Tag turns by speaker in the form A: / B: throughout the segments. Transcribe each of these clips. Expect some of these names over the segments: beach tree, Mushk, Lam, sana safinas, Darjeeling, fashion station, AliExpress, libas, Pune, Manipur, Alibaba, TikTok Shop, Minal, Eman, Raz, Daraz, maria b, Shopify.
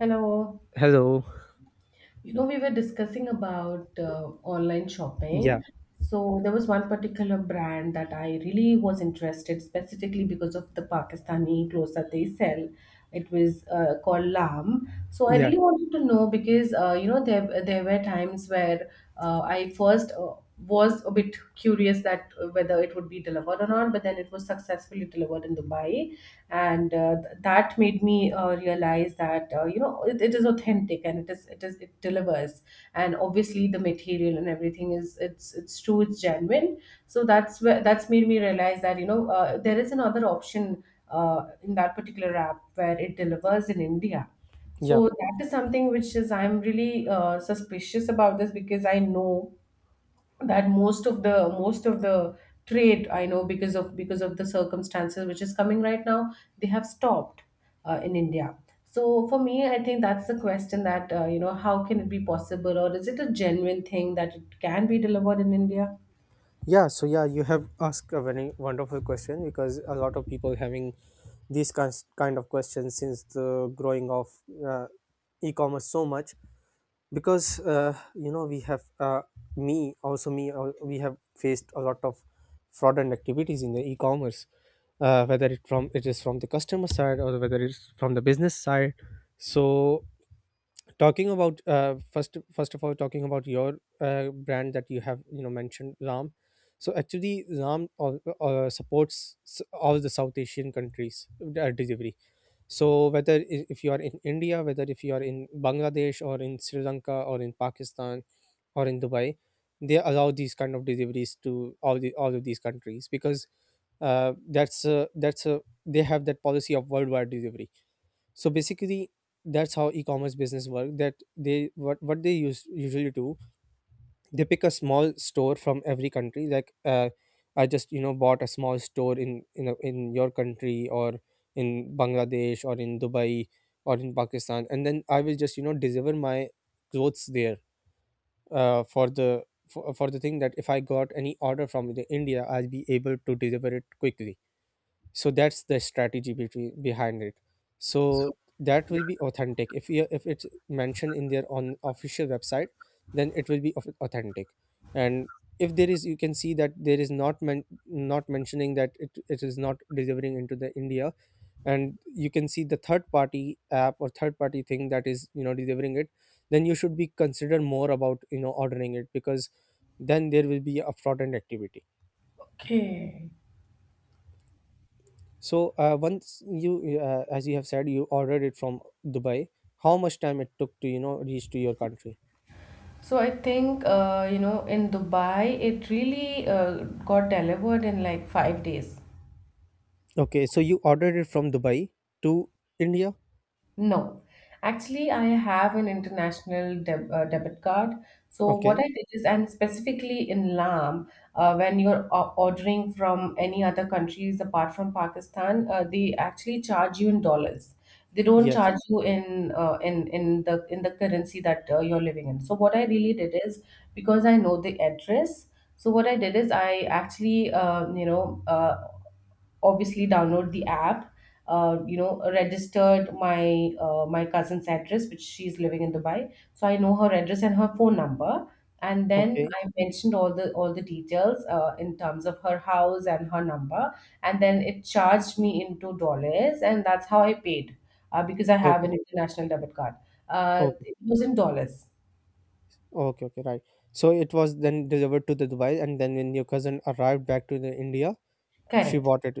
A: Hello.
B: Hello.
A: We were discussing about online shopping.
B: Yeah.
A: So there was one particular brand that I really was interested specifically because of the Pakistani clothes that they sell. It was called Lam. So I
B: Yeah.
A: really wanted to know because you know there there were times where I first was a bit curious that whether it would be delivered or not, but then it was successfully delivered in Dubai, and that made me realize that it is authentic and it is it is it delivers, and obviously the material and everything is it's true, it's genuine. So that's made me realize that there is another option in that particular app where it delivers in India.
B: Yeah.
A: So that is something which is I'm really suspicious about this because I know that most of the trade I know because of the circumstances which is coming right now they have stopped in India. So for me I think that's the question, that how can it be possible, or is it a genuine thing that it can be delivered in India?
B: Yeah. So yeah, you have asked a very wonderful question because a lot of people having these kind of questions since the growing of uh, e-commerce so much because you know we have me also me we have faced a lot of fraudulent activities in the e-commerce, whether it is from the customer side or whether it's from the business side. So talking about first of all, talking about your brand that you have you know mentioned, Ram. So actually Ram supports all the South Asian countries delivery. So whether if you are in India, whether if you are in Bangladesh or in Sri Lanka or in Pakistan or in Dubai, they allow these kind of deliveries to all of these countries because they have that policy of worldwide delivery. So basically that's how e-commerce business work, that they what they use usually do, they pick a small store from every country, like I just you know bought a small store in your country or in Bangladesh or in Dubai or in Pakistan, and then I will just you know deliver my clothes there, uh, for the for the thing that if I got any order from the India, I'll be able to deliver it quickly. So that's the strategy behind it. So that will be authentic if you if it's mentioned in their on official website, then it will be authentic. And if there is, you can see that there is not mentioning that it is not delivering into the India, and you can see the third party app or third party thing that is you know delivering it, then you should be consider more about you know ordering it because then there will be a fraudulent activity.
A: Okay,
B: So once as you have said, you ordered it from Dubai. How much time it took to you know reach to your country?
A: so I think in Dubai it really got delivered in like 5 days.
B: Okay, so you ordered it from Dubai to India.
A: No, actually, I have an international debit card. So what
B: Okay.
A: I did is, and specifically in Lam, when you're ordering from any other countries apart from Pakistan, they actually charge you in dollars. They don't charge
B: Yes.
A: you in the currency that you're living in. So what I really did is, because I know the address, so what I did is I actually obviously download the app, registered my my cousin's address, which she's living in Dubai, so I know her address and her phone number. And then
B: Okay.
A: I mentioned all the details in terms of her house and her number, and then it charged me into dollars, and that's how I paid, because I have
B: Okay.
A: an international debit card. Uh,
B: Okay.
A: it was in dollars.
B: Okay. Okay. Right. So it was then delivered to the Dubai, and then when your cousin arrived back to the India, she
A: Correct.
B: bought it.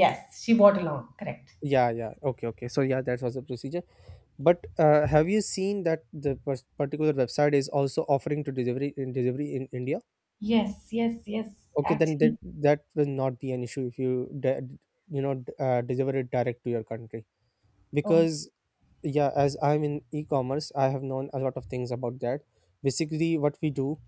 A: Yes, she bought along, correct.
B: Yeah. Yeah. Okay. Okay. So yeah, that was the procedure. But have you seen that the particular website is also offering to delivery in India?
A: Yes, yes, yes.
B: Okay, then
A: Actually.
B: that will not be an issue if you deliver it direct to your country
A: Oh,
B: because yeah, as I'm in e-commerce, I have known a lot of things about that. Basically, what we do,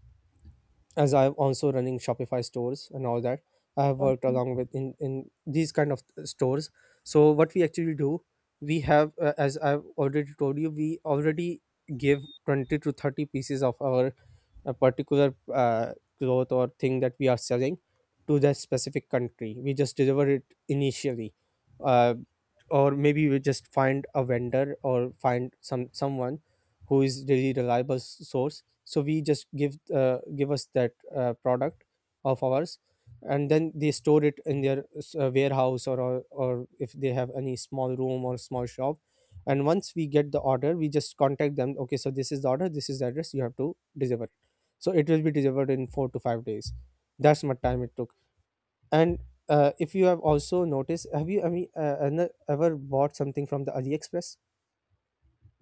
B: as I'm also running Shopify stores and all that. I have worked
A: okay.
B: along with in these kind of stores. So what we actually do, we have, as I've already told you, we already give 20 to 30 pieces of our a particular cloth or thing that we are selling to that specific country. We just deliver it initially, uh, or maybe we just find a vendor or find someone who is really reliable source. So we just give give us that product of ours, and then they store it in their warehouse, or or if they have any small room or small shop. And once we get the order, we just contact them. Okay, so this is the order. This is the address. You have to deliver, so it will be delivered in 4 to 5 days. That's what time it took. And if you have also noticed, have you, I mean, ever bought something from the AliExpress?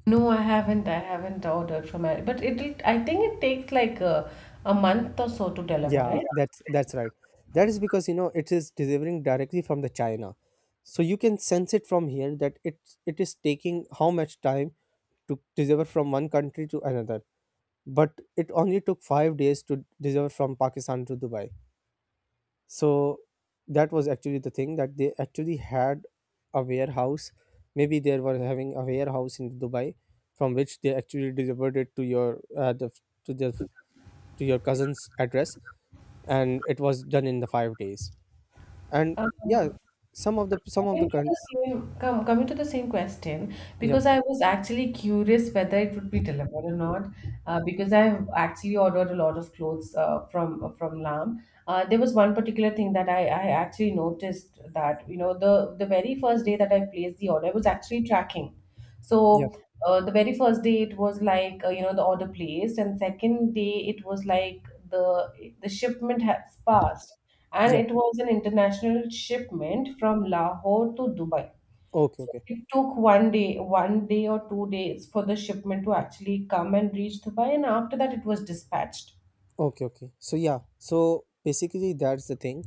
A: No, I haven't. I haven't ordered from it, but it. Will I think it takes like a month or so to deliver,
B: Yeah,
A: right?
B: that's right. That is because you know it is delivering directly from the China, so you can sense it from here that it is taking how much time to deliver from one country to another. But it only took 5 days to deliver from Pakistan to Dubai. So that was actually the thing, that they actually had a warehouse. Maybe they were having a warehouse in Dubai, from which they actually delivered it to your the to your cousin's address, and it was done in the 5 days. And yeah,
A: Um,
B: some of the
A: Coming to the same, coming to the same question,
B: yeah,
A: because I was actually curious whether it would be delivered or not, because I've actually ordered a lot of clothes from Lam. There was one particular thing that I actually noticed that the very first day that I placed the order, I was actually tracking.
B: yeah,
A: So the very first day it was like the order placed, and second day it was like the shipment has passed, and
B: yeah,
A: it was an international shipment from Lahore to Dubai.
B: okay,
A: So
B: okay,
A: it took 1 day, 1 day or 2 days for the shipment to actually come and reach Dubai, and after that it was dispatched.
B: okay, okay. So yeah, so basically that's the thing.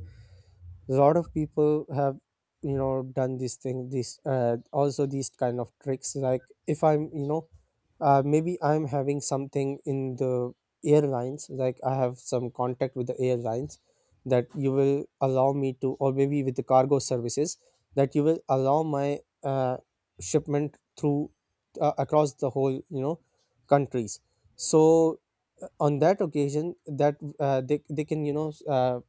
B: A lot of people have you know done this thing, this, also these kind of tricks, like if I'm you know, maybe I'm having something in the airlines, like I have some contact with the airlines that you will allow me to, or maybe with the cargo services that you will allow my shipment through, across the whole you know countries. So on that occasion that they can you know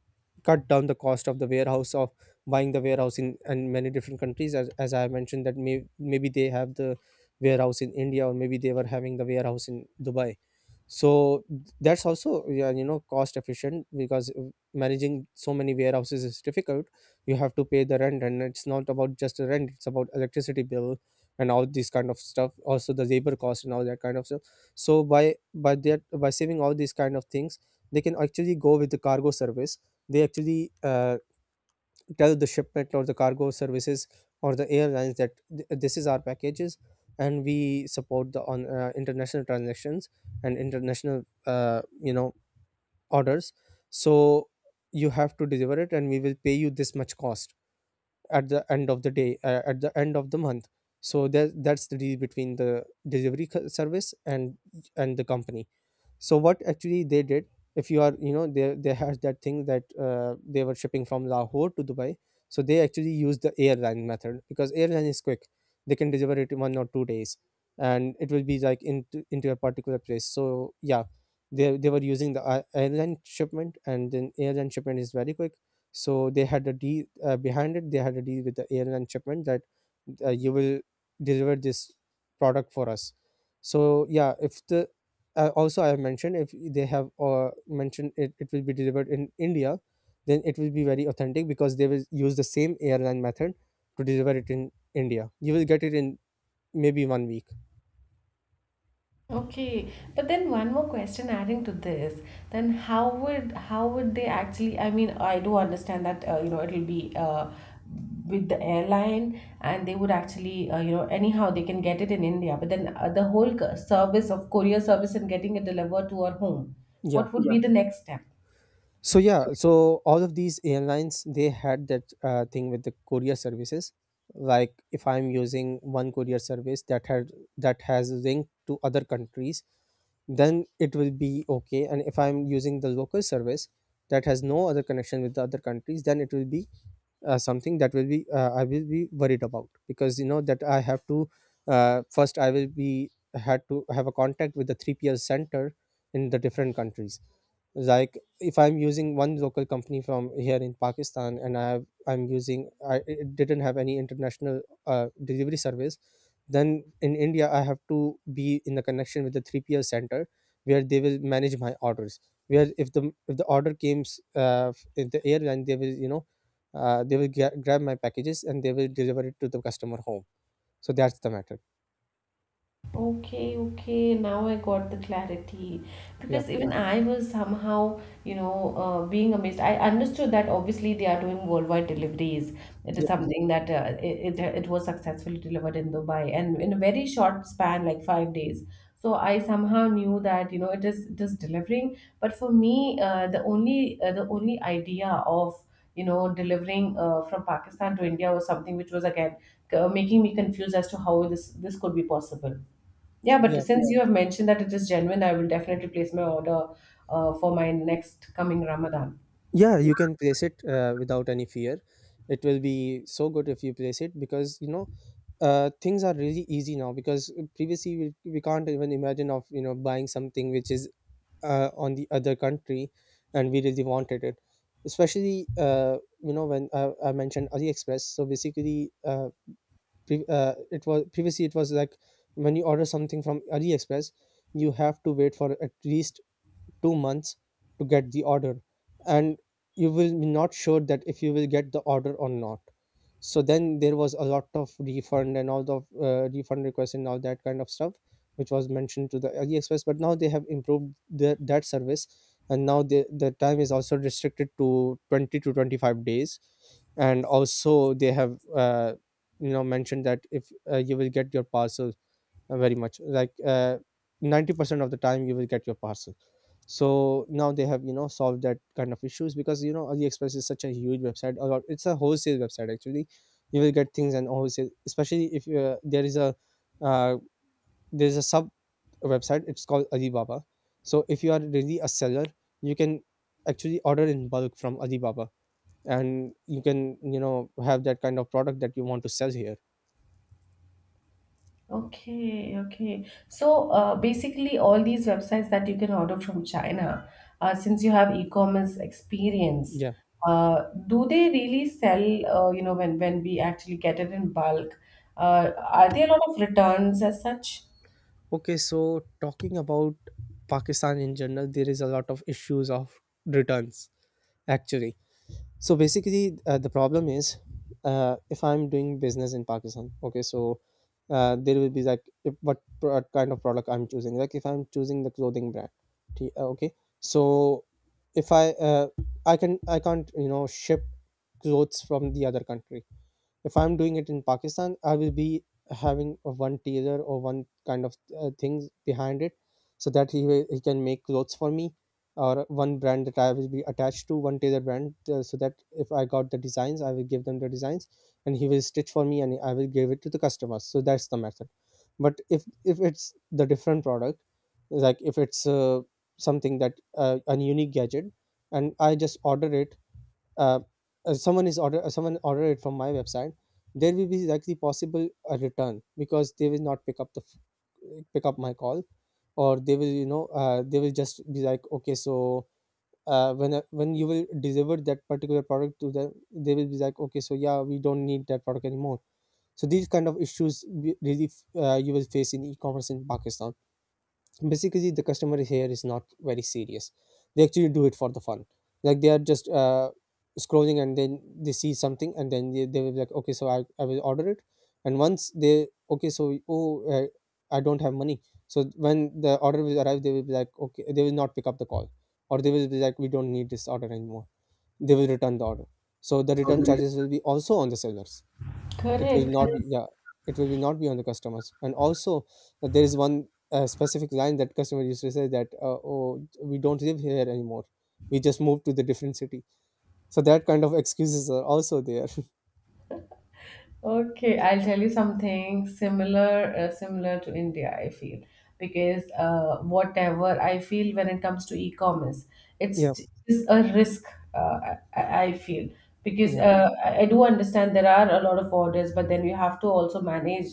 B: cut down the cost of the warehouse, of buying the warehouse in and many different countries, as I mentioned, that maybe they have the warehouse in India, or maybe they were having the warehouse in Dubai. So that's also yeah, you know cost efficient because managing so many warehouses is difficult. You have to pay the rent, and it's not about just the rent, it's about electricity bill and all these kind of stuff, also the labor cost and all that kind of stuff. So by saving all these kind of things, they can actually go with the cargo service. They actually tell the shipment or the cargo services or the airlines that this is our packages, and we support the on international transactions and international, you know, orders. So you have to deliver it, and we will pay you this much cost at the end of the day, at the end of the month. So that's the deal between the delivery service and the company. So what actually they did, if you are you know, they had that thing that they were shipping from Lahore to Dubai. So they actually used the airline method because airline is quick. They can deliver it in one or two days, and it will be like into a particular place. So yeah, they were using the airline shipment, and then airline shipment is very quick. So they had a deal behind it they had a deal with the airline shipment that you will deliver this product for us. So yeah, if the, also I have mentioned, if they have mentioned it, it will be delivered in India, then it will be very authentic because they will use the same airline method to deliver it in India. You will get it in maybe one week.
A: Okay, but then one more question adding to this, then how would they actually? I mean, I do understand that it'll be with the airline, and they would actually anyhow they can get it in India. But then the whole service of courier service, and getting it delivered to our home,
B: Yeah,
A: what would Yeah. be the next step?
B: so yeah, so all of these airlines, they had that thing with the courier services, like if I'm using one courier service that had that has link to other countries, then it will be okay. And if I'm using the local service that has no other connection with the other countries, then it will be, something that will be, I will be worried about, because you know that I have to, first I will be had to have a contact with the 3PL center in the different countries. Like if I'm using one local company from here in Pakistan, and I have I'm using I it didn't have any international delivery service, then in India I have to be in the connection with the 3PL center where they will manage my orders, where if the order comes in the airline, they will you know, grab my packages and they will deliver it to the customer home. So that's the matter.
A: Okay, okay. Now I got the clarity,
B: Yeah.
A: because even I was somehow, you know, being amazed. I understood that obviously they are doing worldwide deliveries. It is something that it it was successfully delivered in Dubai and in a very short span, like 5 days. So I somehow knew that, you know, it is delivering. But for me, the only idea of, you know, delivering from Pakistan to India was something which was again making me confused as to how this could be possible. Yeah, but
B: Yeah,
A: since you have mentioned that it is genuine, I will definitely place my order for my next coming Ramadan.
B: yeah, you can place it without any fear. It will be so good if you place it because you know, things are really easy now, because previously we can't even imagine of you know buying something which is on the other country and we really wanted it. Especially you know, when I mentioned AliExpress, so basically, it was previously, it was like when you order something from AliExpress, you have to wait for at least 2 months to get the order, and you will be not sure that if you will get the order or not. So then there was a lot of refund and all the, refund requests and all that kind of stuff, which was mentioned to the AliExpress. But now they have improved that service, and now the time is also restricted to 20 to 25 days. And also they have, you know, mentioned that if, you will get your parcel, very much like 90% of the time You will get your parcel. So now they have, solved that kind of issues, because AliExpress is such a huge website, or it's a wholesale website actually. You will get things and wholesale, especially if there is a uh, there's a sub website, it's called Alibaba. So if you are really a seller, you can actually order in bulk from Alibaba, and you can, have that kind of product that you want to sell here.
A: Okay, okay. So basically, all these websites that you can order from China, since you have e-commerce experience,
B: Yeah.
A: do they really sell, when we actually get it in bulk? Are there a lot of returns as such?
B: Okay, so talking about Pakistan in general, there is a lot of issues of returns actually. So basically, the problem is, if I'm doing business in Pakistan, okay, so there will be like if, kind of product I'm choosing. Like if I'm choosing the clothing brand, okay, so if I can't, ship clothes from the other country. If I'm doing it in Pakistan, I will be having a one tailor, or one kind of things behind it, so that he can make clothes for me. Or one brand that I will be attached to, one tailor brand, so that if I got the designs, I will give them the designs, and he will stitch for me, and I will give it to the customers. So that's the method. But if it's the different product, like if it's something that a unique gadget, and I just order it, uh, someone order it from my website, there will be likely possible a return, because they will not pick up the pick up my call. Or they will, they will just be like, okay, so when you will deliver that particular product to them, they will be like, okay, so yeah, we don't need that product anymore. So these kind of issues really, you will face in e-commerce in Pakistan. Basically the customer here is not very serious. They actually do it for the fun. Like they are just scrolling, and then they see something, and then they will be like, okay, so I will order it. And once they okay so oh, I don't have money. So when the order will arrive, they will be like, okay, they will not pick up the call. Or they will be like, we don't need this order anymore. They will return the order. So the
A: So.
B: return charges will be also on the sellers. It will
A: Correct,
B: not be,
A: correct.
B: yeah, it will be not be on the customers. And also, there is one specific line that customer used to say, that oh, we don't live here anymore, we just moved to the different city. So that kind of excuses are also there.
A: Okay, I'll tell you something similar, similar to India, I feel, because whatever I feel when it comes to e-commerce,
B: Yeah.
A: it's a risk, I feel, because
B: Yeah,
A: I do understand there are a lot of orders, but then you have to also manage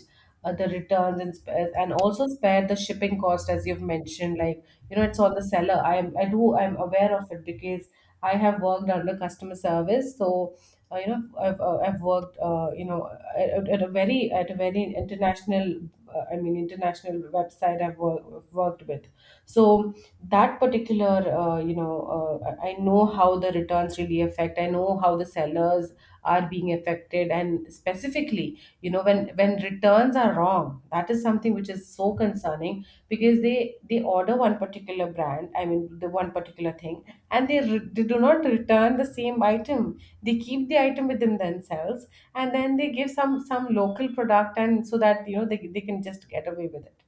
A: the returns and spares, and also spare the shipping cost as you've mentioned. Like, you know, it's on the seller. I'm I do I'm aware of it, because I have worked under customer service. So I've worked at, at a very international international website I've worked with. So that particular I know how the returns really affect. I know how the sellers are being affected, and specifically, you know, when returns are wrong, that is something which is so concerning, because they order one particular brand, I mean the one particular thing, and they do not return the same item. They keep the item within themselves, and then they give some local product, and so that, you know, they can just get away with it.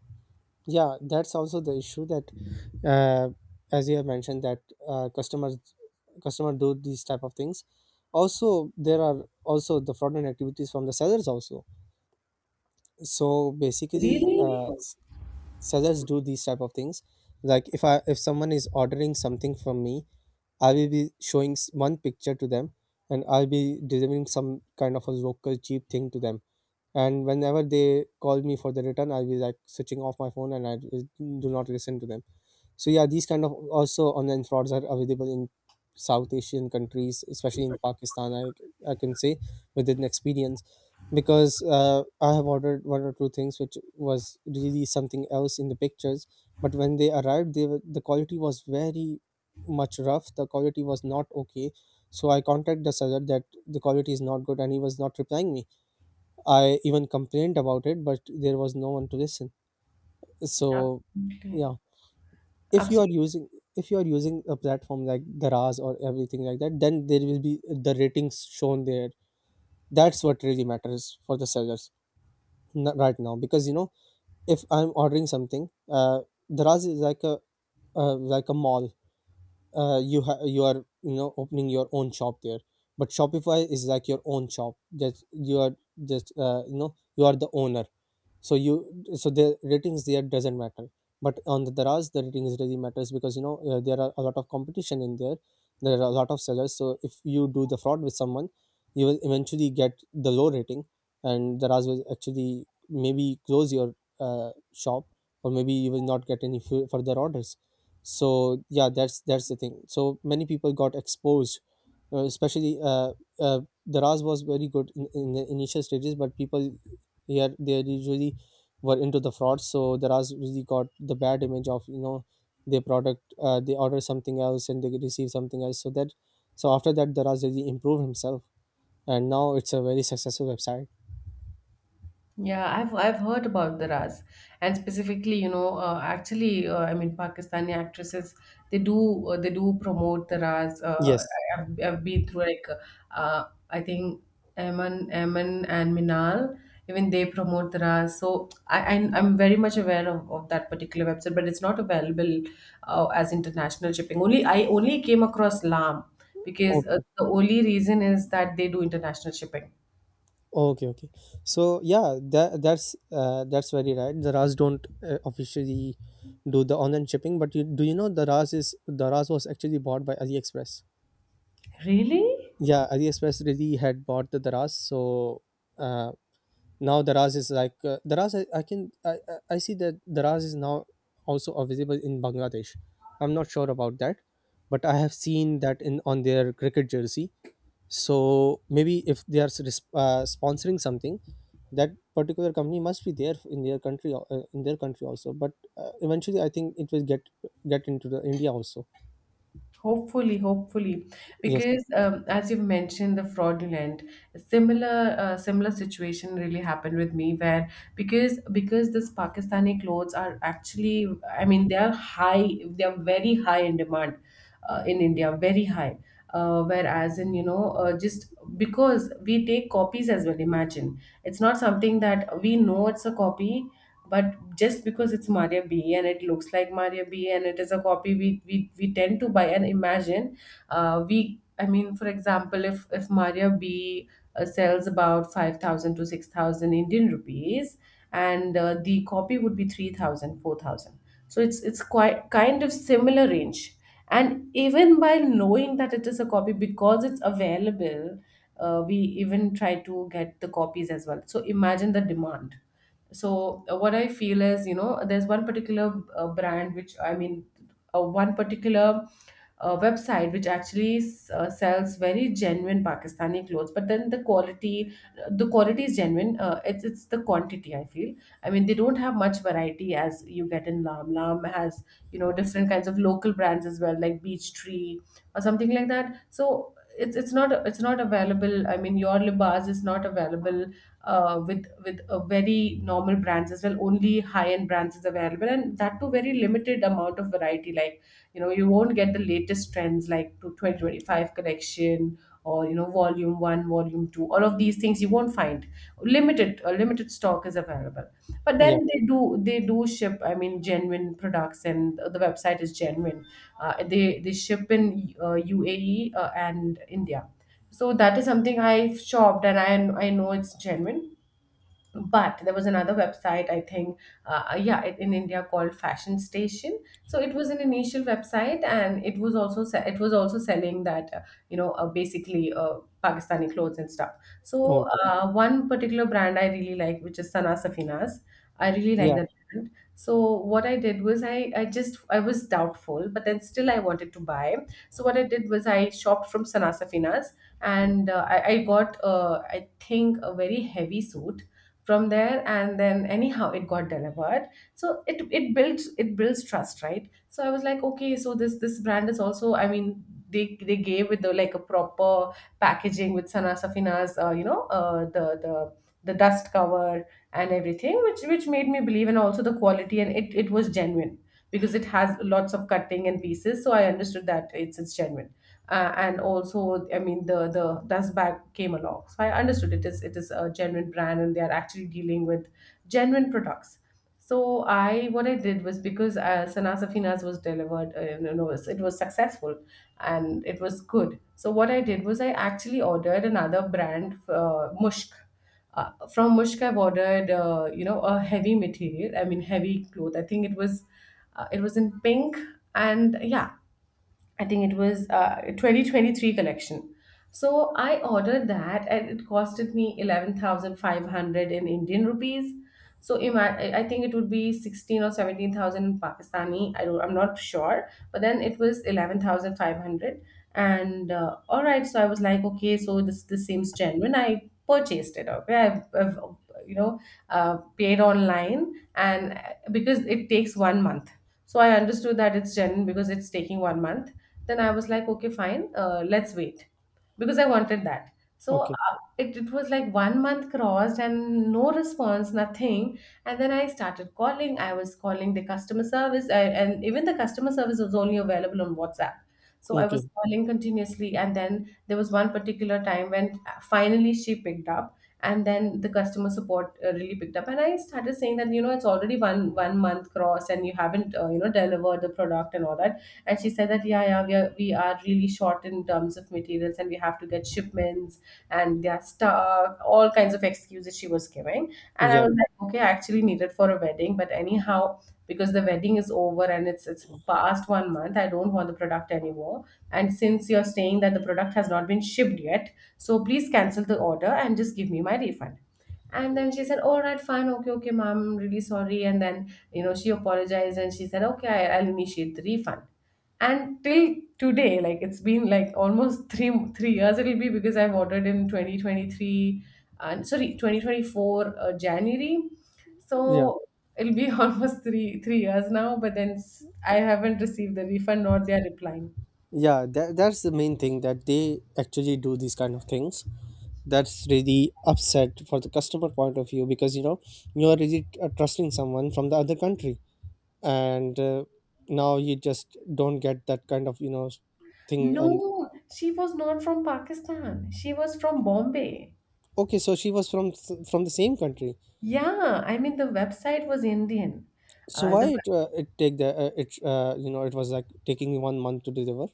B: yeah, that's also the issue, that uh, as you have mentioned, that uh, customers customer do these type of things. Also, there are also the fraudulent activities from the sellers also. So basically,
A: Really.
B: suggest do these type of things. Like if I if someone is ordering something from me, I will be showing one picture to them, and I'll be delivering some kind of a local cheap thing to them. And whenever they call me for the return, I'll be like switching off my phone, and I will do not listen to them. So yeah, these kind of also online frauds are available in South Asian countries, especially in Pakistan. I can say with an experience, because I have ordered one or two things which was really something else in the pictures, but when they arrived, the quality was very much rough. The quality was not okay. So I contacted the seller that the quality is not good, and he was not replying me. I even complained about it, but there was no one to listen. So, yeah, if you are
A: Absolutely.
B: using, if you are using a platform like Daraz or everything like that, then there will be the ratings shown there. That's what really matters for the sellers right now, because if I'm ordering something, Daraz is like a mall. You are, opening your own shop there, but Shopify is like your own shop. That you are just, you are the owner. So, you so the ratings there doesn't matter, but on the Daraz the ratings really matters, because there are a lot of competition in there. There are a lot of sellers, so if you do the fraud with someone, you will eventually get the low rating, and Daraz will actually maybe close your shop, or maybe you will not get any further orders. So yeah, that's the thing. So many people got exposed, especially uh, Daraz was very good in the initial stages, but people, yeah, they usually were into the fraud, so the ras really got the bad image of, their product. They order something else and they receive something else. So that, so after that, the ras really improved himself, and now it's a very successful website.
A: Yeah, I've heard about the Raz, and specifically, you know, I mean, Pakistani actresses, they do promote the Raz.
B: Yes.
A: I've been through, like, uh, I think Eman and Minal, even they promote the Raz. So I'm very much aware of that particular website, but it's not available as international shipping. Only came across Lam because
B: Okay.
A: the only reason is that they do international shipping.
B: Okay, okay. So yeah, that's very right, the ras don't, officially do the online shipping. But you, do you know the ras was actually bought by AliExpress?
A: Really?
B: Yeah, AliExpress really had bought the Daraz. So uh, now Daraz is like, Daraz. I can I see that Daraz is now also available in Bangladesh. I'm not sure about that, but I have seen that in on their cricket jersey. So maybe if they are sponsoring something, that particular company must be there in their country, in their country also. But eventually, I think it will get into the India also.
A: Hopefully, hopefully,
B: Yes.
A: because as you've mentioned, the fraudulent, similar similar situation really happened with me, where because this Pakistani clothes are actually, I mean they are high they are very high in demand in India, very high. Uh, whereas in you know uh, just because we take copies as well, imagine, it's not something that we know it's a copy, but just because it's Maria B and it looks like Maria B and it is a copy, we tend to buy. And imagine, we I mean, for example, if Maria B sells about 5000 to 6000 Indian rupees, and the copy would be 3000 4000, so it's quite kind of similar range. And even by knowing that it is a copy, because it's available, we even try to get the copies as well. So imagine the demand. So what I feel is, you know, there's one particular brand which I mean one particular website which actually sells very genuine Pakistani clothes, but then the quality, the quality is genuine, it's the quantity I feel. I mean, they don't have much variety as you get in Lam. Lam has, you know, different kinds of local brands as well, like Beach Tree or something like that. So it's it's not available. I mean, your Libas is not available with a very normal brands as well. Only high end brands is available, and that too very limited amount of variety. Like, you know, you won't get the latest trends, like to 2025 collection, or, you know, volume one, volume two. All of these things you won't find. Limited a limited stock is available. But
B: Yeah.
A: then they do ship. I mean, genuine products, and the website is genuine. They ship in UAE and India. So that is something I've shopped and I know it's genuine, but there was another website. I think in India called Fashion Station. So it was an initial website, and it was also it was also selling that, basically, Pakistani clothes and stuff. So
B: Okay.
A: one particular brand I really like, which is Sana Safinas. I really like
B: Yeah.
A: that brand. So what I did was, I was doubtful, but then still I wanted to buy. So what I did was I shopped from Sana Safinas, and I got, I think, a very heavy suit from there, and then anyhow it got delivered. So it builds trust, right? So I was like, okay, so this brand is also, I mean, they gave with the like a proper packaging with Sana Safina's, the the dust cover and everything, which made me believe. And also the quality, and it was genuine because it has lots of cutting and pieces, so I understood that it's genuine. And also, I mean, the dust bag came along, so I understood it is a genuine brand and they are actually dealing with genuine products. So I, what I did was, because Sana Safinas was delivered, it was successful and it was good. So what I did was I actually ordered another brand, Mushk. From Mushk, I've ordered, a heavy material. I mean, heavy cloth. I think it was in pink, and yeah, I think it was 2023 collection. So I ordered that, and it costed me 11,500 in Indian rupees. So I think it would be 16 or 17,000 in Pakistani. I don't, I'm not sure. But then it was 11,500. And all right, so I was like, okay, so this seems genuine. I purchased it. Okay, I've you know, paid online. And because it takes 1 month. So I understood that it's genuine because it's taking 1 month. Then I was like, okay, fine, let's wait, because I wanted that. So
B: Okay.
A: it, it was like 1 month crossed and no response, nothing. And then I started calling. I was calling the customer service, I, and even the customer service was only available on WhatsApp. So I was
B: Okay.
A: calling continuously. And then there was one particular time when, finally, she picked up. And then the customer support really picked up, and I started saying that, you know, it's already one month crossed, and you haven't, delivered the product and all that. And she said that, yeah, yeah, we are really short in terms of materials, and we have to get shipments, and they are stuck, all kinds of excuses she was giving. And I
B: Yeah.
A: was like, okay, I actually need it for a wedding, but anyhow, because the wedding is over, and it's past 1 month, I don't want the product anymore. And since you're saying that the product has not been shipped yet, so please cancel the order and just give me my refund. And then she said, "All right, fine, okay, okay, ma'am, I'm really sorry." And then, you know, she apologized, and she said, "Okay, I, I'll initiate the refund." And till today, like, it's been like almost three years it'll be, because I've ordered in 2023, and sorry, 2024, January.
B: Yeah.
A: So it'll be almost three years now, but then I haven't received the refund, nor they are replying.
B: Yeah, that, that's the main thing, that they actually do these kind of things. That's really upset for the customer point of view, because you are really, trusting someone from the other country. And now you just don't get that kind of, thing. And
A: No, she was not from Pakistan, she was from Bombay.
B: okay, so she was from the same country.
A: Yeah, I mean, the website was Indian.
B: So why
A: The
B: it it take the it you know it was like taking 1 month to deliver?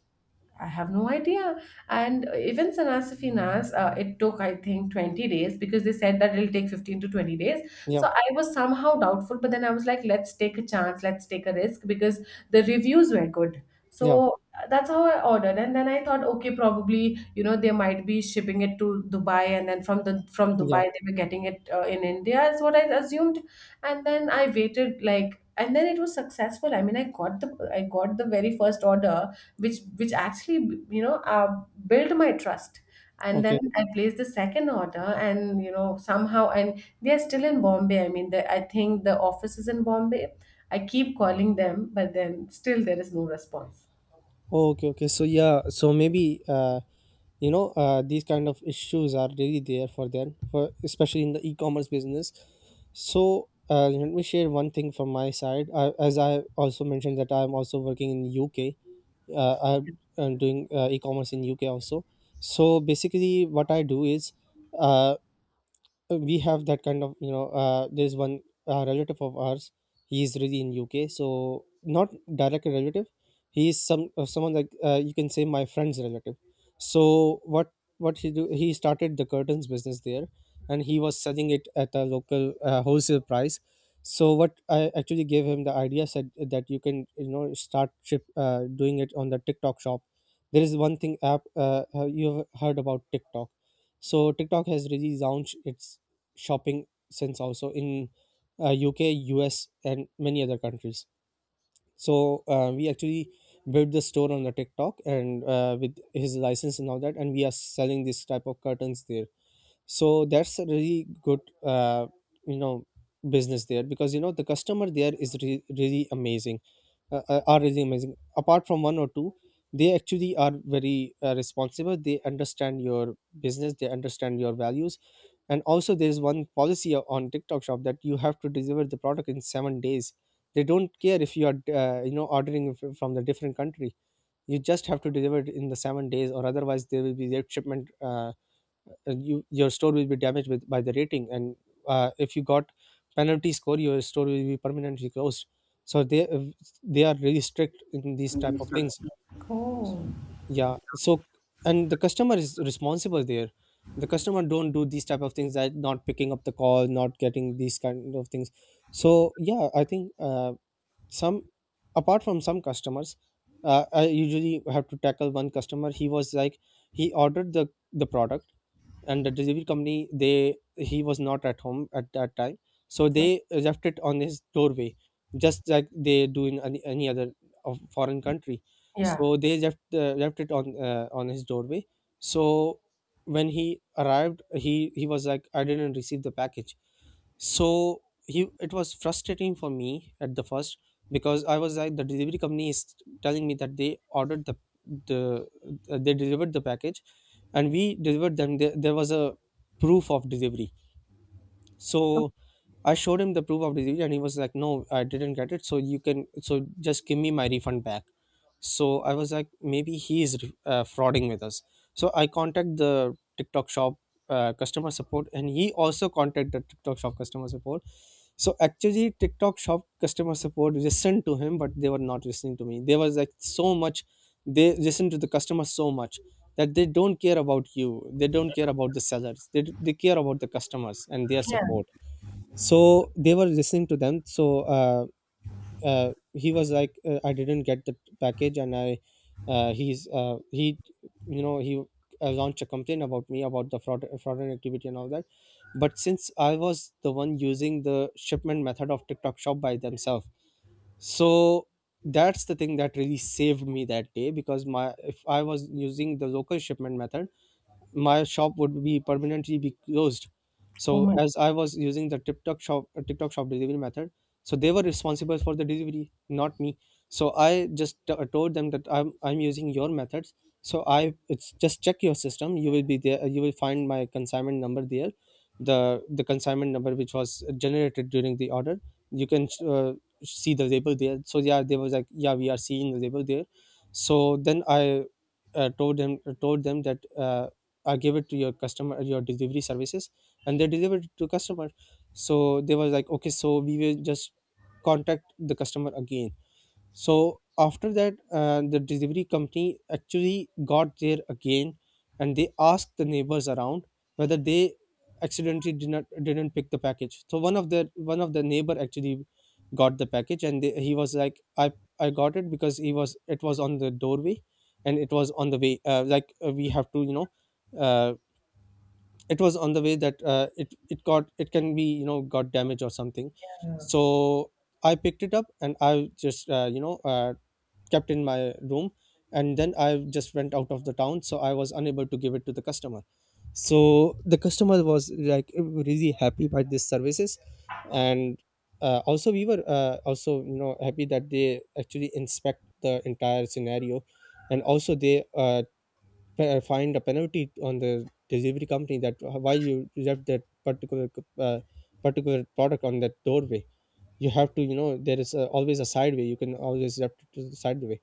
A: I have no idea. And even Sanasifinas, it took, I think, 20 days, because they said that it'll take 15 to 20 days.
B: Yeah.
A: So I was somehow doubtful, but then I was like, let's take a chance, let's take a risk, because the reviews were good.
B: Yeah.
A: So that's how I ordered. And then I thought, okay, probably, you know, they might be shipping it to Dubai. And then from the from
B: Yeah.
A: Dubai, they were getting it in India, is what I assumed. And then I waited, like, and then it was successful. I mean, I got the, I got the very first order, which actually, built my trust. And then
B: Okay.
A: I placed the second order, and, you know, somehow, and they are still in Bombay. I mean, the, I think the office is in Bombay. I keep calling them, but then still there is no response.
B: Okay, okay. So yeah, so maybe, these kind of issues are really there for them, for especially in the e-commerce business. So let me share one thing from my side. As I also mentioned that I'm also working in UK. Uh, I'm, I'm doing e-commerce in UK also. So basically, what I do is. Uh, we have that kind of, there's one relative of ours, he is really in UK. So not direct relative, he is some, someone like, you can say my friend's relative. So what what he do, he started the curtains business there, and he was selling it at a local, wholesale price. So what I actually gave him the idea, said that you can, doing it on the TikTok shop. There is one thing app, you have heard about TikTok. So TikTok has really launched its shopping since also in UK, US, and many other countries. So we actually built the store on the TikTok, and with his license and all that, and we are selling this type of curtains there. So that's a really good, you know, business there, because the customer there is really amazing, are really amazing. Apart from one or two, they actually are very responsible. They understand your business, they understand your values. And also, there's one policy on TikTok Shop, that you have to deliver the product in 7 days. They don't care if you are, ordering from the different country. You just have to deliver it in the 7 days, or otherwise there will be their shipment. You your store will be damaged with by the rating and if you got penalty score your store will be permanently closed, so they they are really strict in these type of things.
A: Oh.
B: Yeah. So and the customer is responsible there. The customer don't do these type of things like not picking up the call, not getting these kind of things. So yeah, I think some apart from some customers, I usually have to tackle one customer. He was like, he ordered the product, and the delivery company, they he was not at home at that time, so they left it on his doorway, just like they do in any other of foreign country.
A: Yeah.
B: So they left it on his doorway. So when he arrived, he was like, "I didn't receive the package." So he it was frustrating for me at the first, because I was like, the delivery company is telling me that they ordered the the they delivered the package, and we delivered them there, was a proof of delivery. So I showed him the proof of delivery and he was like, "No, I didn't get it, so you can, so just give me my refund back." So I was like, maybe he is frauding with us. So I contact the TikTok shop customer support, and he also contacted the TikTok shop customer support. So actually TikTok shop customer support listened to him, but they were not listening to me. There was like so much, they listen to the customer so much that they don't care about you, they don't care about the sellers. They care about the customers and their
A: Yeah.
B: support. So they were listening to them, so he was like, "I didn't get the package," and I he's he you know, he launched a complaint about me about the fraudulent activity and all that. But since I was the one using the shipment method of TikTok shop by themselves, so that's the thing that really saved me that day, because my, if I was using the local shipment method, my shop would be permanently be closed.
A: Oh
B: So
A: my.
B: as I was using the TikTok shop delivery method, so they were responsible for the delivery, not me. So I just told them that I'm using your methods. So I, it's just check your system. You will be there. You will find my consignment number there, the consignment number which was generated during the order. You can see the label there. So yeah, they was like, yeah, we are seeing the label there. So then I told them, told them that give it to your customer, your delivery services, and they delivered it to customer. So they was like, okay, so we will just contact the customer again. So after that, the delivery company actually got there again, and they asked the neighbors around whether they accidentally didn't pick the package. So one of the neighbor actually got the package, and he was like, "I got it, because he was it was on the doorway, and it was on the way. We have to, you know, uh, it was on the way that it can be, you know, got damage or something. So I picked it up and I just you know, kept in my room." And then I just went out of the town, so I was unable to give it to the customer. So the customer was like really happy by these services. And also we were also, you know, happy that they actually inspect the entire scenario. And also they find a penalty on the delivery company, that why you left that particular uh, particular product on that doorway. You have to, you know, there is always a side way. You can always have to the side way.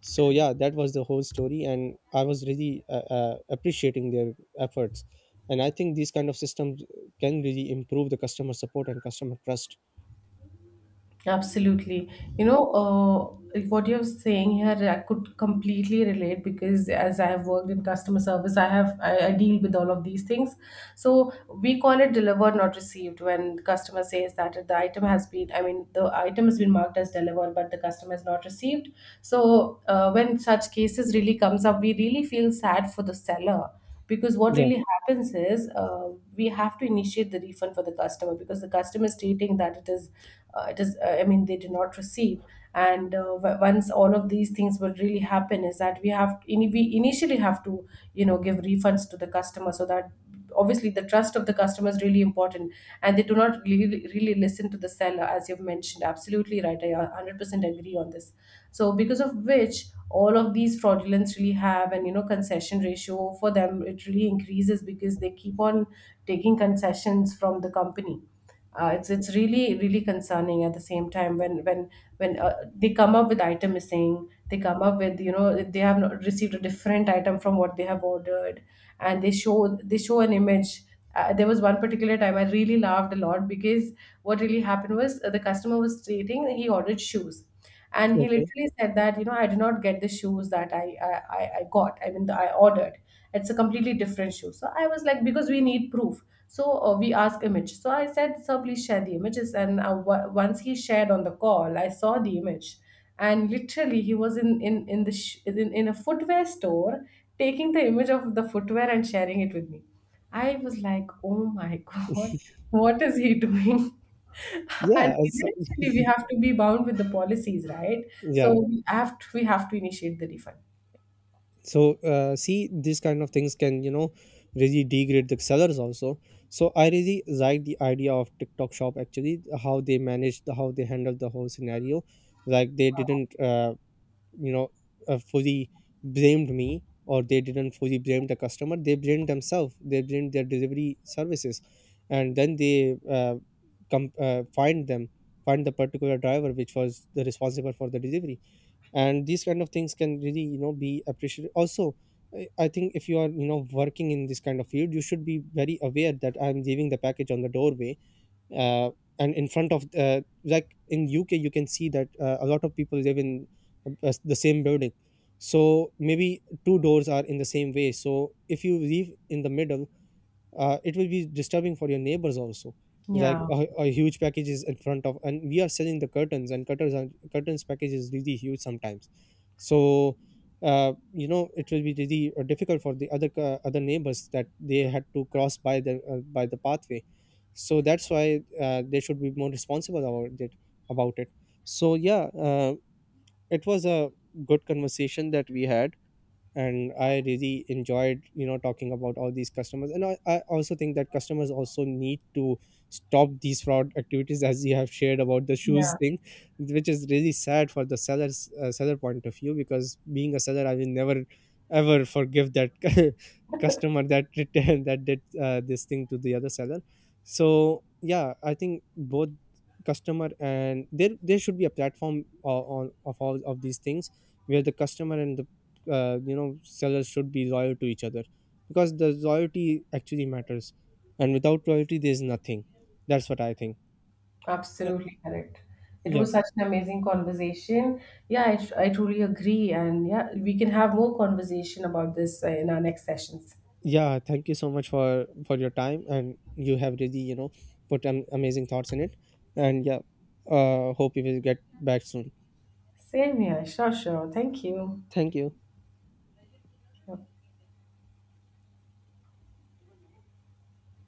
B: So yeah, that was the whole story, and I was really appreciating their efforts. And I think these kind of systems can really improve the customer support and customer trust.
A: Absolutely. You know, what you're saying here, I could completely relate, because as I have worked in customer service, I have, I deal with all of these things. So we call it delivered, not received, when the customer says that the item has been, I mean, the item has been marked as delivered, but the customer is not received. So when such cases really comes up, we really feel sad for the seller, because what
B: Yeah.
A: really happens is, we have to initiate the refund for the customer, because the customer is stating that it is, I mean, they did not receive. And once all of these things will really happen is that we have in, we initially have to, you know, give refunds to the customer, so that, obviously, the trust of the customer is really important, and they do not really really listen to the seller. As you've mentioned, absolutely right, I 100% agree on this. So because of which, all of these fraudulence really have, and, you know, concession ratio for them, it really increases, because they keep on taking concessions from the company. It's really really concerning. At the same time, when when they come up with item missing, they come up with, you know, they have not received a different item from what they have ordered, and they show, an image. There was one particular time I really laughed a lot, because what really happened was, the customer was stating that he ordered shoes, and he
B: Okay.
A: literally said that, you know, I did not get the shoes that I got. I mean, I ordered. It's a completely different shoe. So I was like, because we need proof, so we asked image. So I said, sir, please share the images. And once he shared on the call, I saw the image, and literally, he was in a footwear store taking the image of the footwear and sharing it with me. I was like, oh my God, what is he doing? And
B: yeah it's,
A: eventually we have to be bound with the policies, right?
B: yeah.
A: So we have to initiate the refund.
B: So see, these kind of things can, you know, really degrade the sellers also. So I really like the idea of TikTok shop, actually, how they managed, how they handled the whole scenario. Like they didn't you know, fully blamed me, or they didn't fully blame the customer. They blamed themselves, they blamed their delivery services. And then they com- uh, find them find the particular driver which was the responsible for the delivery. And these kind of things can really, you know, be appreciated also. I think if you are, you know, working in this kind of field, you should be very aware that I'm leaving the package on the doorway. uh, and in front of, like in UK, you can see that a lot of people live in the same building. So maybe two doors are in the same way, so if you leave in the middle, it will be disturbing for your neighbors also. Like
A: Yeah,
B: a huge package is in front of, and we are selling the curtains, and curtains package is really huge sometimes. So you know, it will be really difficult for the other other neighbors that they had to cross by the pathway. So that's why they should be more responsible about it. So yeah, it was a good conversation that we had, and I really enjoyed, you know, talking about all these customers. And I also think that customers also need to stop these fraud activities, as you have shared about the shoes
A: yeah,
B: thing, which is really sad for the seller point of view. Because being a seller, I will never ever forgive that customer that returned that did this thing to the other seller. So yeah, I think both customer and there should be a platform on of all of these things, where the customer and the you know, sellers should be loyal to each other. Because the loyalty actually matters, and without loyalty there's nothing. That's what I think. uh,
A: absolutely correct. It
B: yeah
A: was such an amazing conversation. Yeah, I truly agree. And yeah, we can have more conversation about this in our next sessions.
B: yeah, thank you so much for your time, and you have really, you know, put amazing thoughts in it. And yeah, hope you will get back soon.
A: Same here. Sure, sure. Thank you.
B: Thank you.
A: Yep.